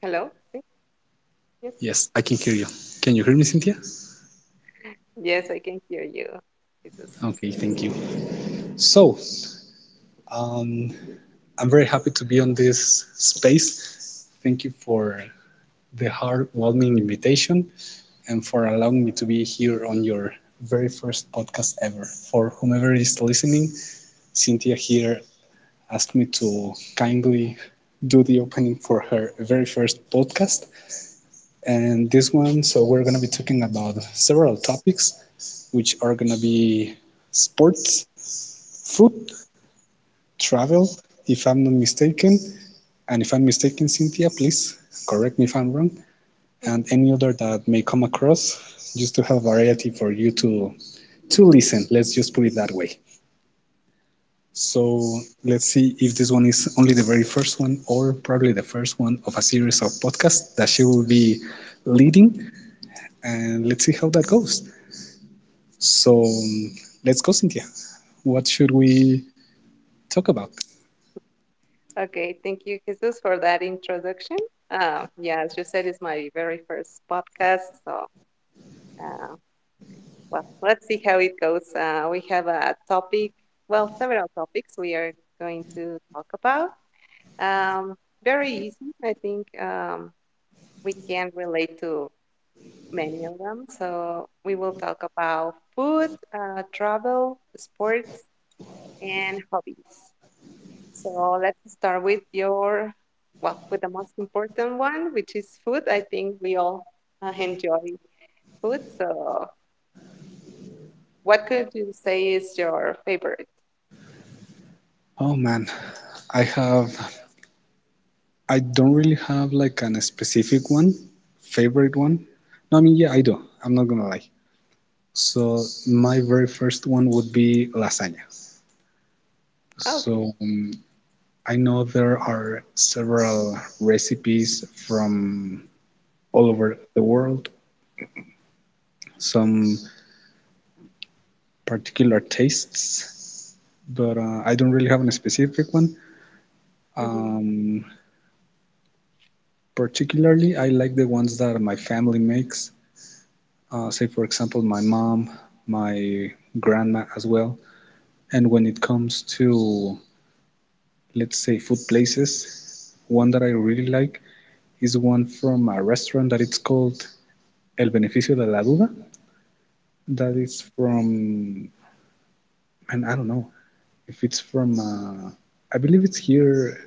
Hello? Sí. Yes. Yes, I can hear you. Can you hear me, Cynthia? Yes, I can hear you, Jesus. Okay, thank you. So, um, I'm very happy to be on this space. Thank you for the heartwarming invitation and for allowing me to be here on your very first podcast ever. For whomever is listening, Cynthia here asked me to kindly do the opening for her very first podcast. And this one. So we're going to be talking about several topics which are going to be sports, food, travel, if I'm not mistaken. And if I'm mistaken, Cynthia, please correct me if I'm wrong. And any other that may come across, just to have variety for you to listen, let's just put it that way. So let's see if this one is only the very first one, or probably the first one of a series of podcasts that she will be leading. And let's see how that goes. So um, let's go, Cynthia. What should we talk about? Okay, thank you, Jesus, for that introduction. Yeah, as you said, it's my very first podcast. So, uh, well, let's see how it goes. We have a topic, well, several topics we are going to talk about. Um, Very easy, I think we can relate to many of them. So, we will talk about food, travel, sports, and hobbies. So let's start with your, well, with the most important one, which is food. I think we all enjoy food. So what could you say is your favorite? Oh man, I have, I don't really have like an specific one, favorite one. No, I mean, yeah, I do. I'm not gonna lie. So my very first one would be lasagna. Okay. So um, I know there are several recipes from all over the world, some particular tastes, but I don't really have a specific one. Mhm. Um, Particularly, I like the ones that my family makes, say, for example, my mom, my grandma as well. And when it comes to, let's say, food places, one that I really like is one from a restaurant that it's called El Beneficio de la Duda. That is from, and I don't know if it's from, I believe it's here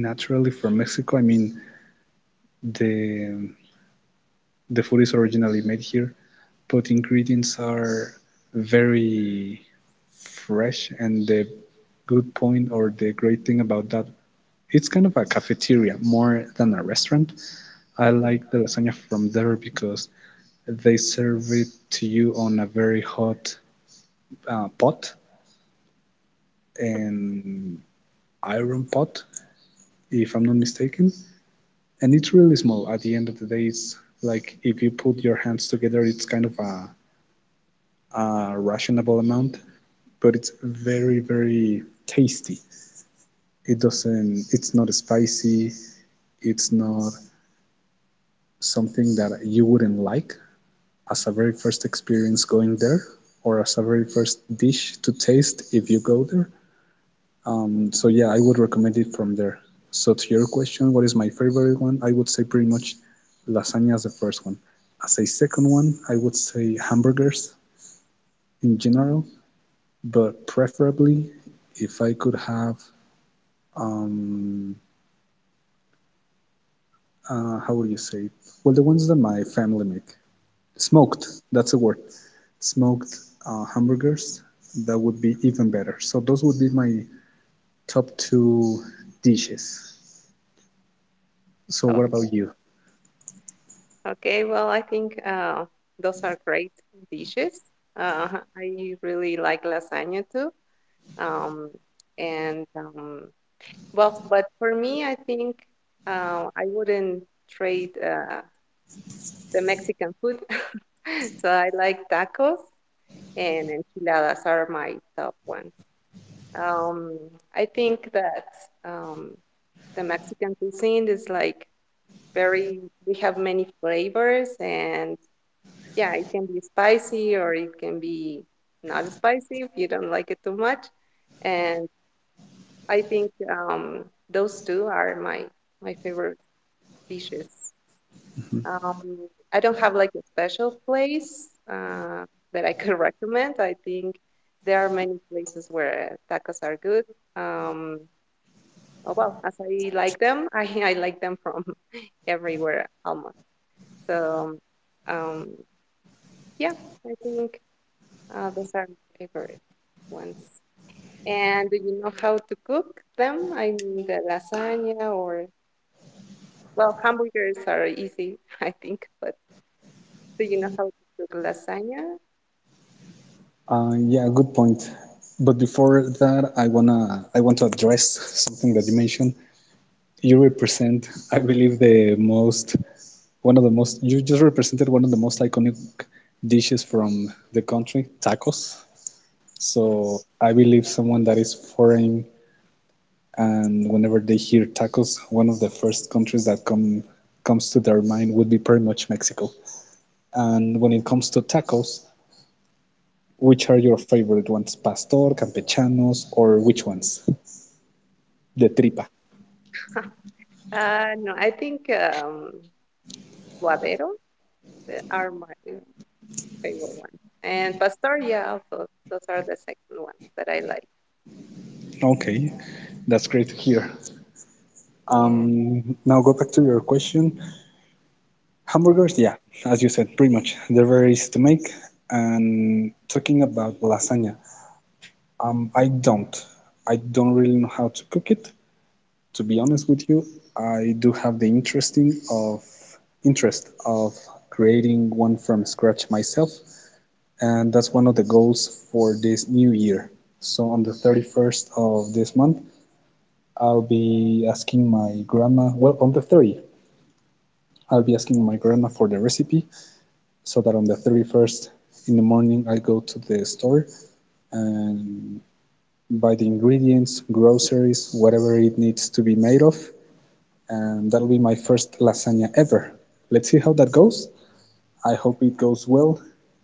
naturally from Mexico. I mean, the the food is originally made here, but ingredients are very fresh. And the good point or the great thing about that, it's kind of a cafeteria more than a restaurant. I like the lasagna from there because they serve it to you on a very hot pot, an iron pot, if I'm not mistaken. And it's really small. At the end of the day, it's like if you put your hands together, it's kind of a rationable amount, but it's very, very tasty. It's not spicy, it's not something that you wouldn't like as a very first experience going there, or as a very first dish to taste if you go there. So, yeah, I would recommend it from there. So, to your question, what is my favorite one? I would say pretty much lasagna as the first one. As a second one, I would say hamburgers in general. But preferably if I could have, um, how would you say? It? Well, the ones that my family make, smoked. That's the word, smoked hamburgers. That would be even better. So those would be my top two dishes. So what Okay. about you? Okay, well, I think those are great dishes. Uh, I really like lasagna too. Um, and, well, but for me, I think I wouldn't trade the Mexican food. So I like tacos and enchiladas are my top ones. Um, I think that um, the Mexican cuisine is like very, we have many flavors, and yeah, it can be spicy or it can be not spicy if you don't like it too much. And I think those two are my favorite dishes. Um, Mm-hmm. I don't have like a special place that I could recommend. I think there are many places where tacos are good. Um, oh well, as I like them, I like them from everywhere almost. So um, yeah, I think those are my favorite ones. And do you know how to cook them? I mean, the lasagna or well, hamburgers are easy, I think, but do you know how to cook lasagna? Yeah, good point. But before that, I want to address something that you mentioned. You represent, I believe, one of the most, you just represented one of the most iconic dishes from the country, tacos. So I believe someone that is foreign and whenever they hear tacos, one of the first countries that comes to their mind would be pretty much Mexico. And when it comes to tacos, which are your favorite ones? Pastor, campechanos, or which ones? The tripa. No, I think Guadero are my favorite one, and Pastoria also. Those are the second ones that I like. Okay, that's great to hear. Yeah. Now go back to your question. Hamburgers, yeah, as you said, pretty much. They're very easy to make. And talking about lasagna, um, I don't. I don't really know how to cook it. To be honest with you, I do have the interest of creating one from scratch myself, and that's one of the goals for this new year. So on the 31st of this month, I'll be asking my grandma, well, on the 30th, I'll be asking my grandma for the recipe so that on the 31st in the morning I go to the store and buy the ingredients, groceries, whatever it needs to be made of, and that'll be my first lasagna ever. Let's see how that goes. I hope it goes well,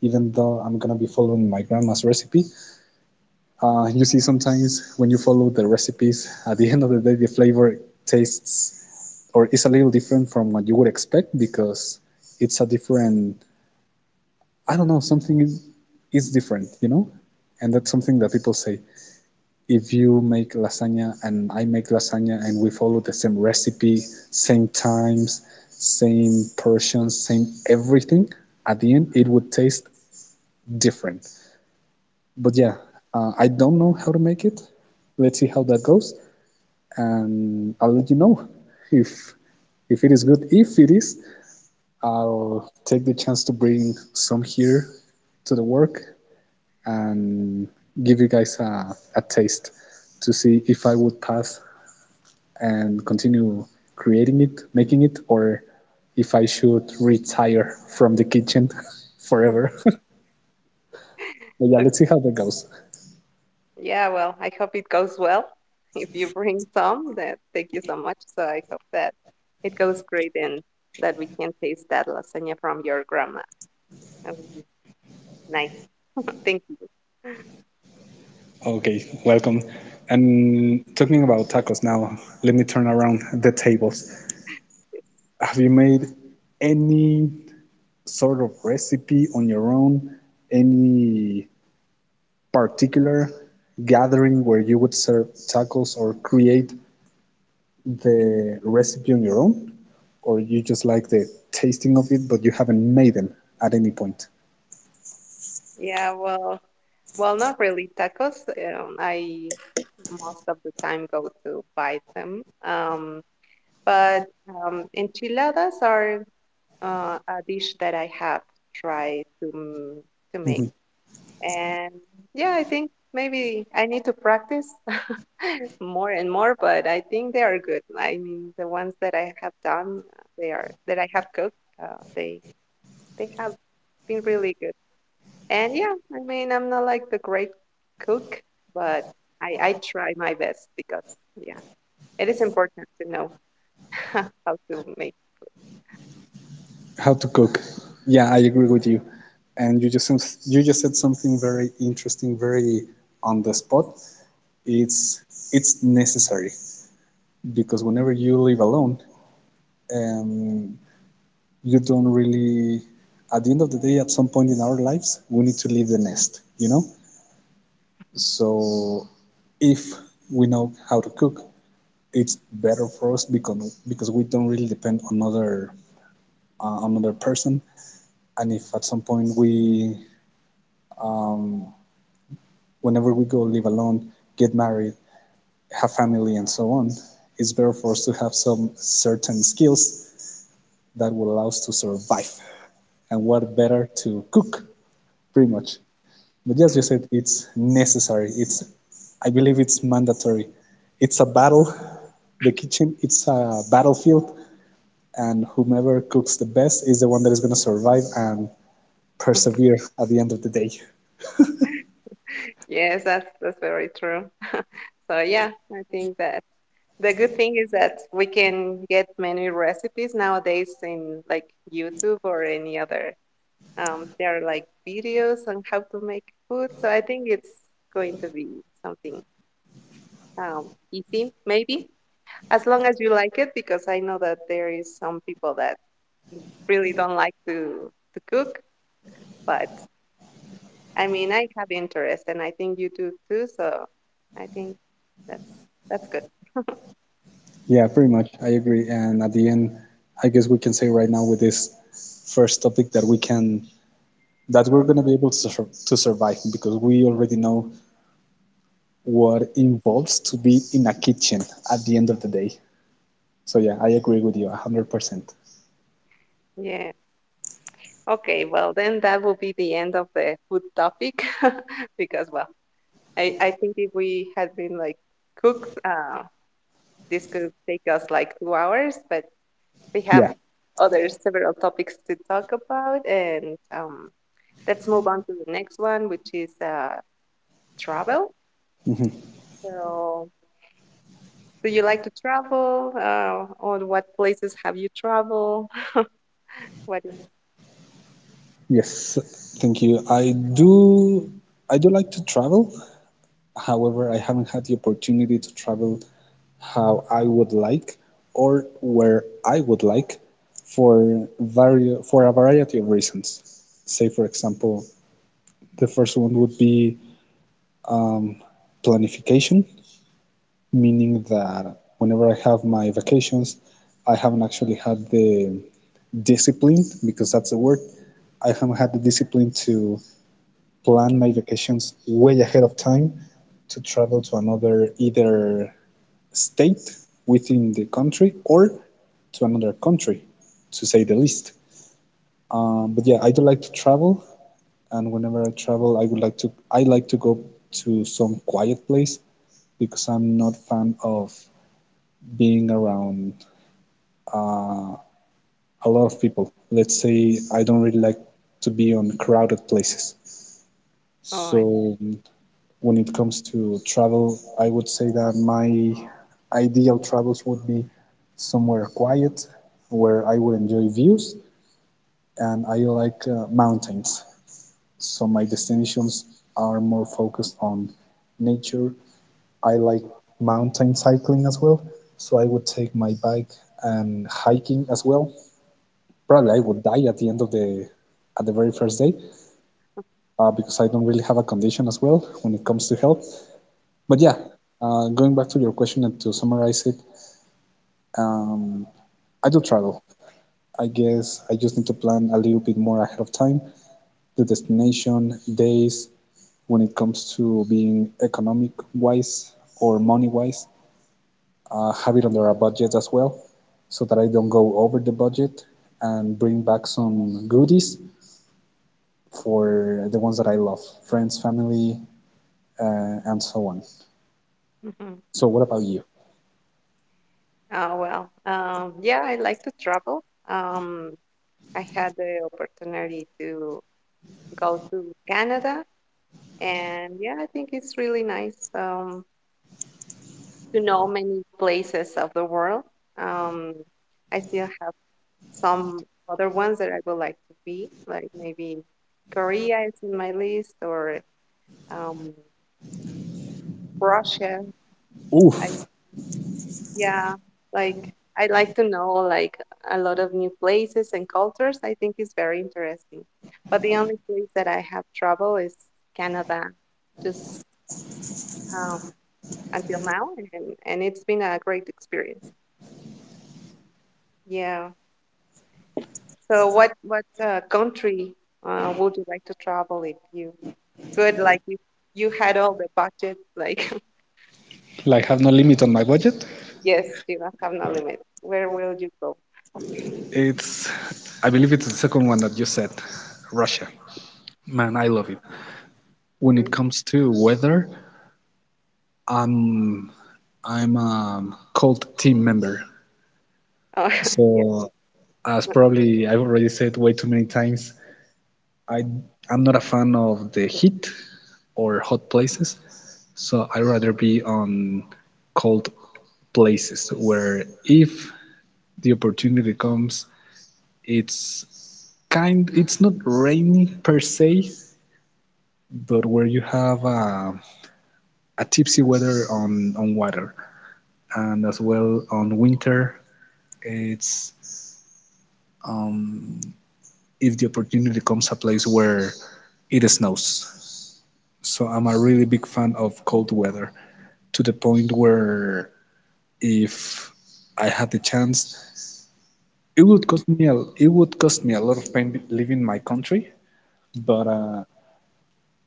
even though I'm gonna be following my grandma's recipe. You see, sometimes when you follow the recipes, at the end of the day, the flavor tastes or is a little different from what you would expect because it's a different I don't know, something is different, you know? And that's something that people say. If you make lasagna and I make lasagna and we follow the same recipe, same times, same portions, same everything, at the end it would taste different. But yeah, I don't know how to make it. Let's see how that goes, and I'll let you know if if it is good. If it is, I'll take the chance to bring some here to the work and give you guys a taste to see if I would pass and continue creating it, making it, or if I should retire from the kitchen forever. But yeah, Okay. let's see how that goes. Yeah, well, I hope it goes well. If you bring some, that thank you so much. So I hope that it goes great and that we can taste that lasagna from your grandma. That would be nice. Thank you. Okay, welcome. And talking about tacos now, let me turn around the tables. Have you made any sort of recipe on your own? Any particular gathering where you would serve tacos or create the recipe on your own, or you just like the tasting of it, but you haven't made them at any point? Yeah. Well, not really tacos. I most of the time go to buy them. But enchiladas are a dish that I have tried to make. Mm-hmm. And yeah, I think maybe I need to practice more and more, but I think they are good. I mean, the ones that I have done, they are that I have cooked, they have been really good. And yeah, I mean, I'm not like the great cook, but I try my best because yeah, it is important to know how to make. How to cook? Yeah, I agree with you. And you just said something very interesting, very on the spot. It's it's necessary because whenever you live alone, um, you don't really. At the end of the day, at some point in our lives, we need to leave the nest. You know, so if we know how to cook, it's better for us because we don't really depend on other another person. And if at some point whenever we go live alone, get married, have family, and so on, it's better for us to have some certain skills that will allow us to survive. And what better to cook, pretty much. But as you said, it's necessary. I believe it's mandatory. It's a battle. It's a battlefield, and whomever cooks the best is the one that is going to survive and persevere at the end of the day. Yes, that's very true. So yeah, I think that the good thing is that we can get many recipes nowadays in like YouTube or any other. There are like videos on how to make food, so I think it's going to be something easy, maybe as long as you like it, because I know that there is some people that really don't like to cook, but I mean, I have interest, and I think you do too. So I think that's that's good. Yeah, pretty much. I agree. And at the end, I guess we can say right now with this first topic that we can that we're going to be able to, to survive because we already know what involves to be in a kitchen at the end of the day. So yeah, I agree with you 100%. Yeah. Okay, well, then that will be the end of the food topic because, well, I think if we had been like cooks, this could take us like 2 hours, but we have Yeah. other several topics to talk about. And let's move on to the next one, which is travel. Hmm. So, do you like to travel? Or what places have you traveled? What is, Yes. Thank you. I do. I do like to travel. However, I haven't had the opportunity to travel how I would like or where I would like for for a variety of reasons. Say, for example, the first one would be planification, meaning that whenever I have my vacations, I haven't actually had the discipline, because that's the word, I haven't had the discipline to plan my vacations way ahead of time to travel to another either state within the country or to another country, to say the least. But yeah, I do like to travel, and whenever I travel, I like to go to some quiet place because I'm not fan of being around uh, a lot of people. Let's say I don't really like to be on crowded places. oh, I- So when it comes to travel, I would say that my ideal travels would be somewhere quiet where I would enjoy views and I like mountains. So my destinations are more focused on nature. I like mountain cycling as well. So I would take my bike, and hiking as well. Probably I would die at the end of the at the very first day because I don't really have a condition as well when it comes to health. But yeah, going back to your question and to summarize it, I do travel. I guess I just need to plan a little bit more ahead of time the destination, days, when it comes to being economic wise or money wise, have it under a budget as well, so that I don't go over the budget and bring back some goodies for the ones that I love, friends, family, and so on. Mhm. So, what about you? Well, yeah, I like to travel. I had the opportunity to go to Canada, and yeah, I think it's really nice to know many places of the world. Um, I still have some other ones that I would like to be, like maybe Korea is in my list, or um, Russia. I Oof, Yeah, like I like to know like a lot of new places and cultures. I think it's very interesting. But the only place that I have trouble is Canada, just um, until now, and it's been a great experience. Yeah. So what country would you like to travel if you could? Like if you had all the budget, like like have no limit on my budget? yes, you don't have no limit. Where will you go? It's, I believe it's the second one that you said, Russia. Man, I love it. When it Mm. comes to weather, I'm, I'm a cold team member. Oh, yes. So, as probably I've already said way too many times, I, I'm not a fan of the heat or hot places. So, I'd rather be on cold places where if the opportunity comes, it's not rainy per se, but where you have a tipsy weather on water, and as well on winter it's if the opportunity comes a place where it snows. So I'm a really big fan of cold weather to the point where if I had the chance, it would cost me a lot of pain leaving my country. But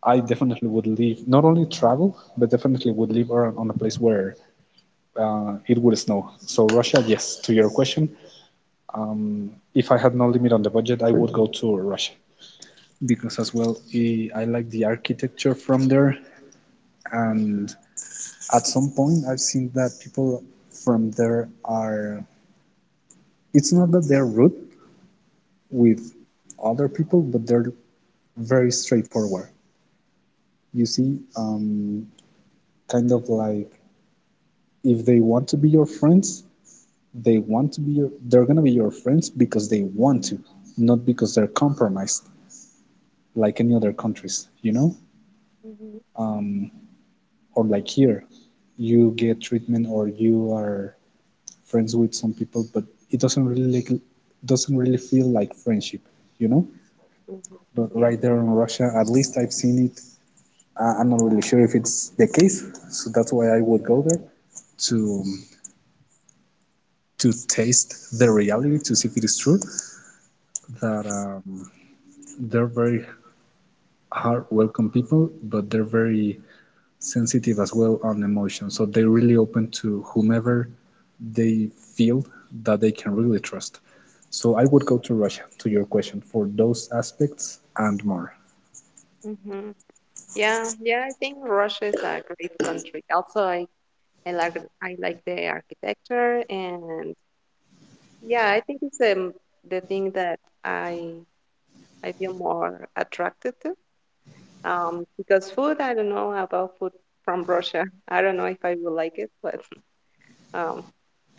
I definitely would live, not only travel, but definitely would live around on a place where it would snow. So Russia, yes. To your question, if I had no limit on the budget, I would go to Russia because as well I like the architecture from there, and at some point I've seen that people from there are. It's not that they're rude with other people, but they're very straightforward. You see, kind of like if they want to be your friends, they're gonna be your friends because they want to, not because they're compromised. Like any other countries, you know, Hmm. or like here, you get treatment or you are friends with some people, but it doesn't really like, doesn't really feel like friendship, you know. Hmm. But Yeah. right there in Russia, at least I've seen it. I'm not really sure if it's the case, so that's why I would go there to to taste the reality, to see if it is true that they're very hard welcome people, but they're very sensitive as well on emotion. So they're really open to whomever they feel that they can really trust. So I would go to Russia to your question for those aspects and more. Hmm. Yeah, yeah, I think Russia is a great country. Also, I like I like the architecture and yeah, I think it's the thing that I feel more attracted to. Because food, I don't know about food from Russia. I don't know if I will like it, but um,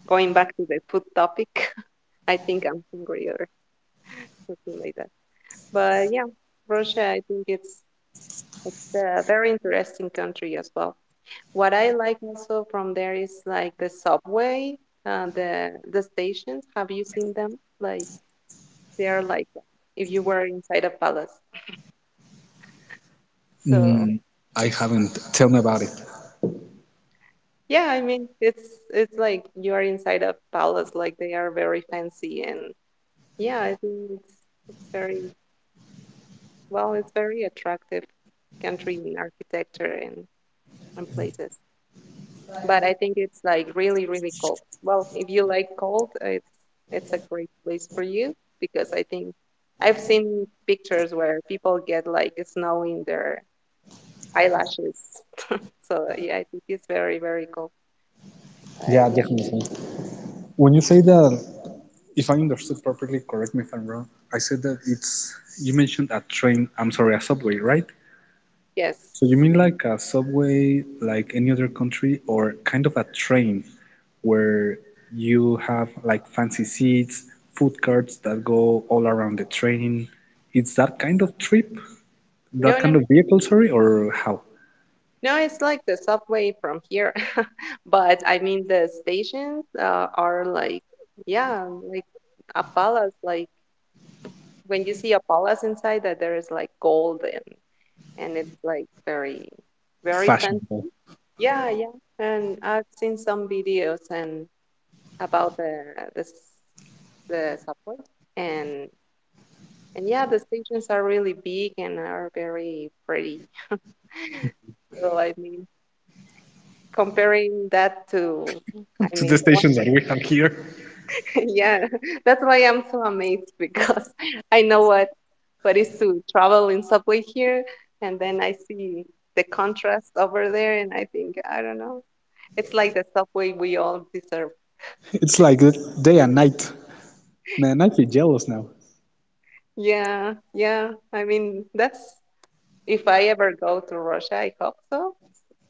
going back to the food topic, I think I'm hungry or something like that. But yeah, Russia, I think it's a very interesting country as well. What I like also from there is like the subway, the stations. Have you seen them? Like they are like if you were inside a palace. So Mm, I haven't. Tell me about it. yeah, I mean it's like you are inside a palace. Like they are very fancy and yeah, I think it's very well, it's very attractive country in architecture and places. But I think it's like really, really cold. Well, if you like cold, it's a great place for you because I think I've seen pictures where people get like snow in their eyelashes. So yeah, I think it's very, very cold. Yeah, Yeah. definitely. When you say that, if I understood properly, correct me if I'm wrong. I said that it's You mentioned a train. I'm sorry, a subway, right? Yes. So you mean like a subway, like any other country, or kind of a train where you have like fancy seats, food carts that go all around the train? It's that kind of trip, No, that kind no, of vehicle, sorry, or how no. It's like the subway from here, but I mean the stations are like yeah, like a palace. Like when you see a palace inside, that there is like gold and it's like very very fancy. fashionable Yeah, yeah. And I've seen some videos and about the s- the subway and and yeah, the stations are really big and are very pretty. So I mean, comparing that to, I to the mean, the one stations that we have here? that, yeah, that's why I'm so amazed because I know what is to travel in subway here, and then I see the contrast over there, and I think I don't know, it's like the subway we all deserve. It's like the day and night. Man, I feel jealous now. Yeah, yeah. I mean, that's if I ever go to Russia, I hope so.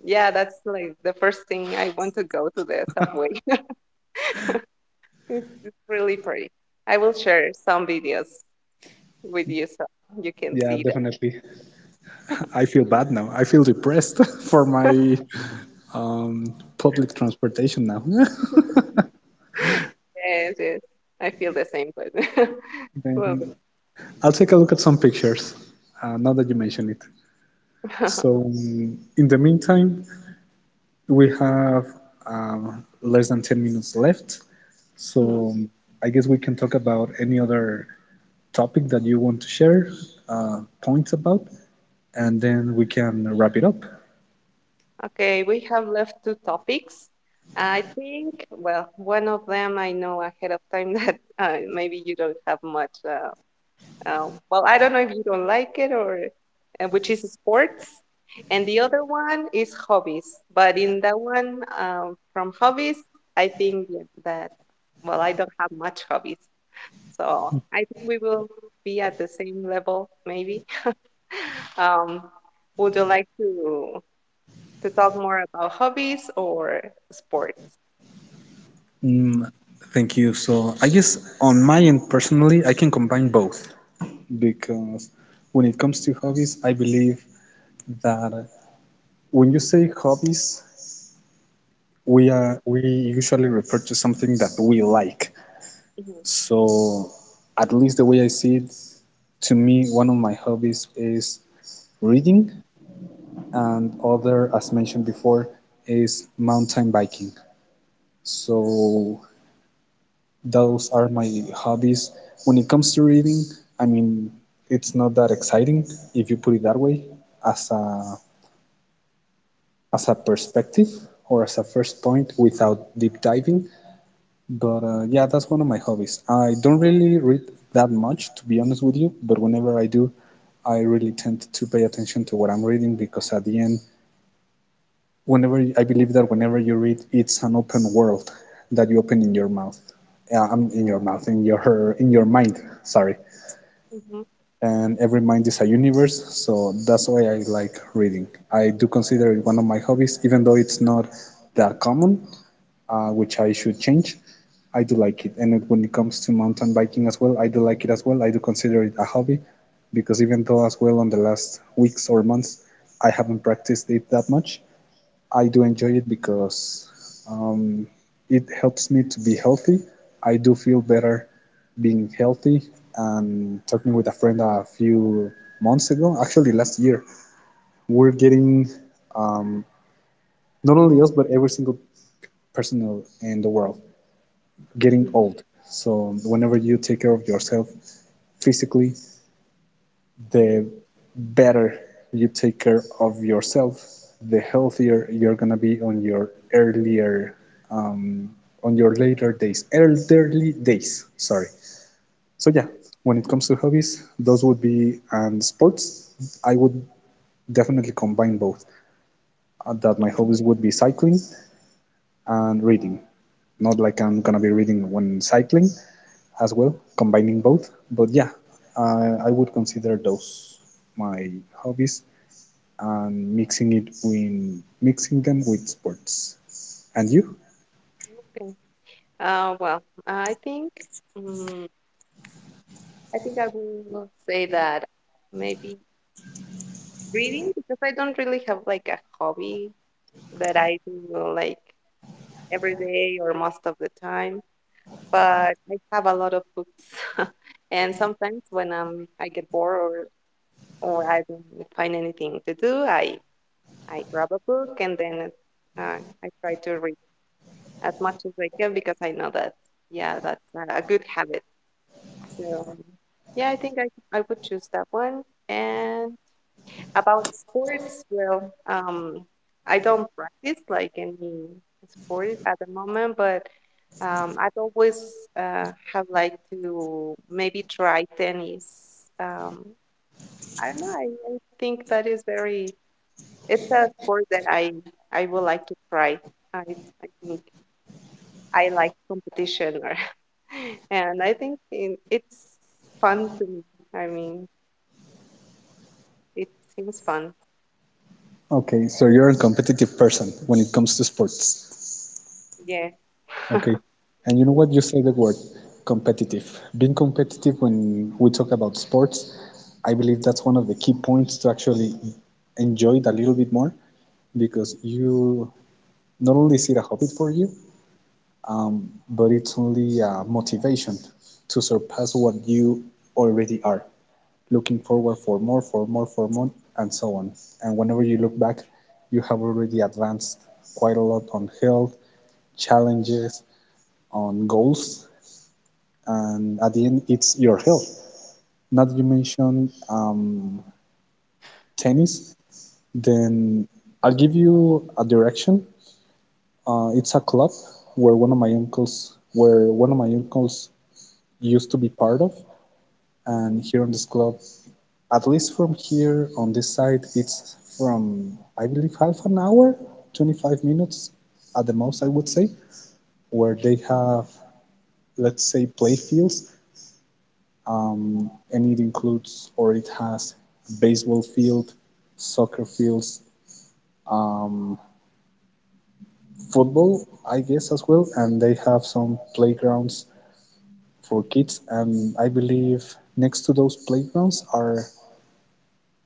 Yeah, that's like the first thing I want to go to the subway. It's really pretty. I will share some videos with you so you can Yeah, see that. definitely. I feel bad now. I feel depressed for my um, public transportation now. Yes, yes. I feel the same, but well, Then I'll take a look at some pictures now that you mention it. So, mm, in the meantime, we have less than 10 minutes left. mhm. So, I guess we can talk about any other topic that you want to share points about, and then we can wrap it up. Okay, we have left two topics. I think, well, one of them I know ahead of time that maybe you don't have much. Well, I don't know if you don't like it or which is sports. And the other one is hobbies. But in that one, from hobbies, I think that, well, I don't have much hobbies. So I think we will be at the same level, maybe. Um, would you like to? To talk more about hobbies or sports. Mm, thank you. So, I guess on my end personally, I can combine both because when it comes to hobbies, I believe that when you say hobbies, we usually refer to something that we like. Mm-hmm. So at least the way I see it, to me one of my hobbies is reading, and other as mentioned before is mountain biking. So those are my hobbies. When it comes to reading, I mean, it's not that exciting if you put it that way, as a perspective or as a first point without deep diving. But yeah, that's one of my hobbies. I don't really read that much, to be honest with you, but whenever I do, I really tend to pay attention to what I'm reading because at the end, whenever I believe that whenever you read, it's an open world that you open in your mouth. Yeah, I'm in your mouth, in your mind. Sorry. Mm-hmm. And every mind is a universe, so that's why I like reading. I do consider it one of my hobbies even though it's not that common. Which I should change. I do like it. And when it comes to mountain biking as well, I do like it as well, I do consider it a hobby because even though as well on the last weeks or months I haven't practiced it that much, I do enjoy it because um, it helps me to be healthy. I do feel better being healthy. And talking with a friend a few months ago, actually last year, we're getting, not only us but every single person in the world, getting old. So whenever you take care of yourself physically, the better you take care of yourself, the healthier you're gonna be on your earlier, um, on your later days, elderly days. Sorry. So yeah, when it comes to hobbies, those would be, and sports, I would definitely combine both. That my hobbies would be cycling and reading. Not like I'm gonna be reading when cycling as well, combining both. But yeah, I would consider those my hobbies, and mixing them with sports. And you? Okay. Well, I think mm I think I will say that maybe reading because I don't really have like a hobby that I do like every day or most of the time. But I have a lot of books, and sometimes when I get bored or I don't find anything to do, I grab a book and then uh, I try to read. As much as I can because I know that, yeah, that's a good habit. So, yeah, I think I would choose that one. And about sports, well, um, I don't practice like any sport at the moment, but I've always have like to maybe try tennis. Um, I don't know. I think that is very. It's a sport that I would like to try. I I think. I like competition or and I think in, it's fun to me. I mean, it seems fun. Okay, so you're a competitive person when it comes to sports. Yeah. Okay, and you know what? You say the word competitive. Being competitive when we talk about sports, I believe that's one of the key points to actually enjoy it a little bit more because you not only see it a hobby for you, but it's only a motivation to surpass what you already are, looking forward for more, for more and so on. And whenever you look back, you have already advanced quite a lot on health, challenges, on goals, and at the end it's your health. Now that you mentioned tennis, then I'll give you a direction. It's a club where one of my uncles used to be part of. And here on this club, at least from here on this side, it's from, I believe, half an hour, 25 minutes at the most, I would say, where they have, let's say, play fields. And it includes, or it has, baseball field, soccer fields, football, I guess, as well. And they have some playgrounds for kids. And I believe next to those playgrounds are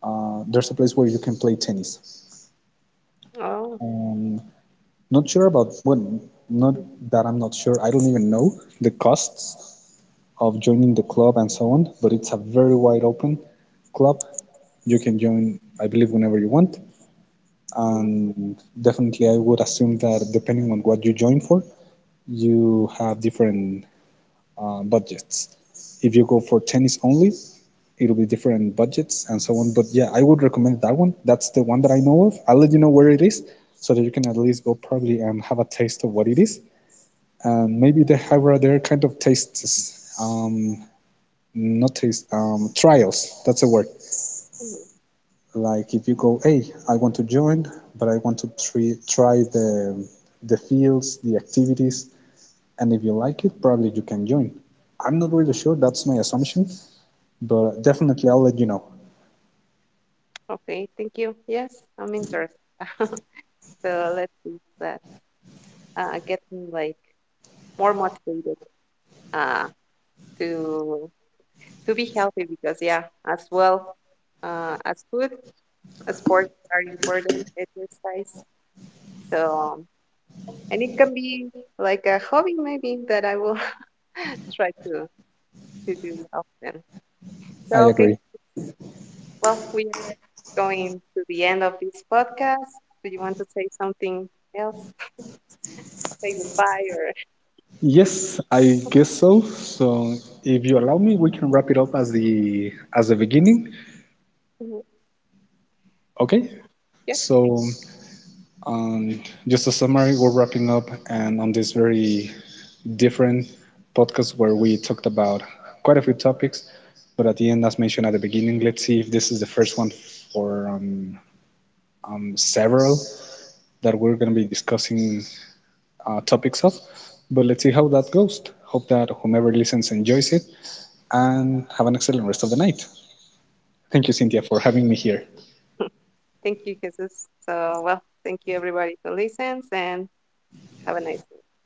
There's a place where you can play tennis. Oh, Um, Not sure about, well, not that I'm not sure. I don't even know the costs of joining the club and so on. But it's a very wide open club. You can join, I believe, whenever you want. mm, And definitely, I would assume that depending on what you join for, you have different budgets. If you go for tennis only, it'll be different budgets and so on. But yeah, I would recommend that one. That's the one that I know of. I'll let you know where it is so that you can at least go probably and have a taste of what it is. And maybe they have other kind of tastes, not taste, trials. That's the word. mm. Like if you go, hey, I want to join, but I want to try, the the fields, the activities, and if you like it, probably you can join. I'm not really sure. That's my assumption, but definitely I'll let you know. Okay, thank you. Yes, I'm interested. So let's see that get like more motivated uh, to to be healthy because yeah, as well as food, sports are important exercise. So and it can be like a hobby maybe that I will try to do often. I So, okay, agree. well, we are going to the end of this podcast. Do you want to say something else? Say goodbye or Yes, I guess so. So if you allow me, we can wrap it up as the beginning. Okay. yeah. So Um, just a summary, we're wrapping up, and on this very different podcast where we talked about quite a few topics, but at the end, as mentioned at the beginning, let's see if this is the first one for several that we're going to be discussing topics of. But let's see how that goes. Hope that whomever listens enjoys it, and have an excellent rest of the night. Thank you, Cynthia, for having me here. Thank you, Jesus. So well, thank you everybody who listens and have a nice day.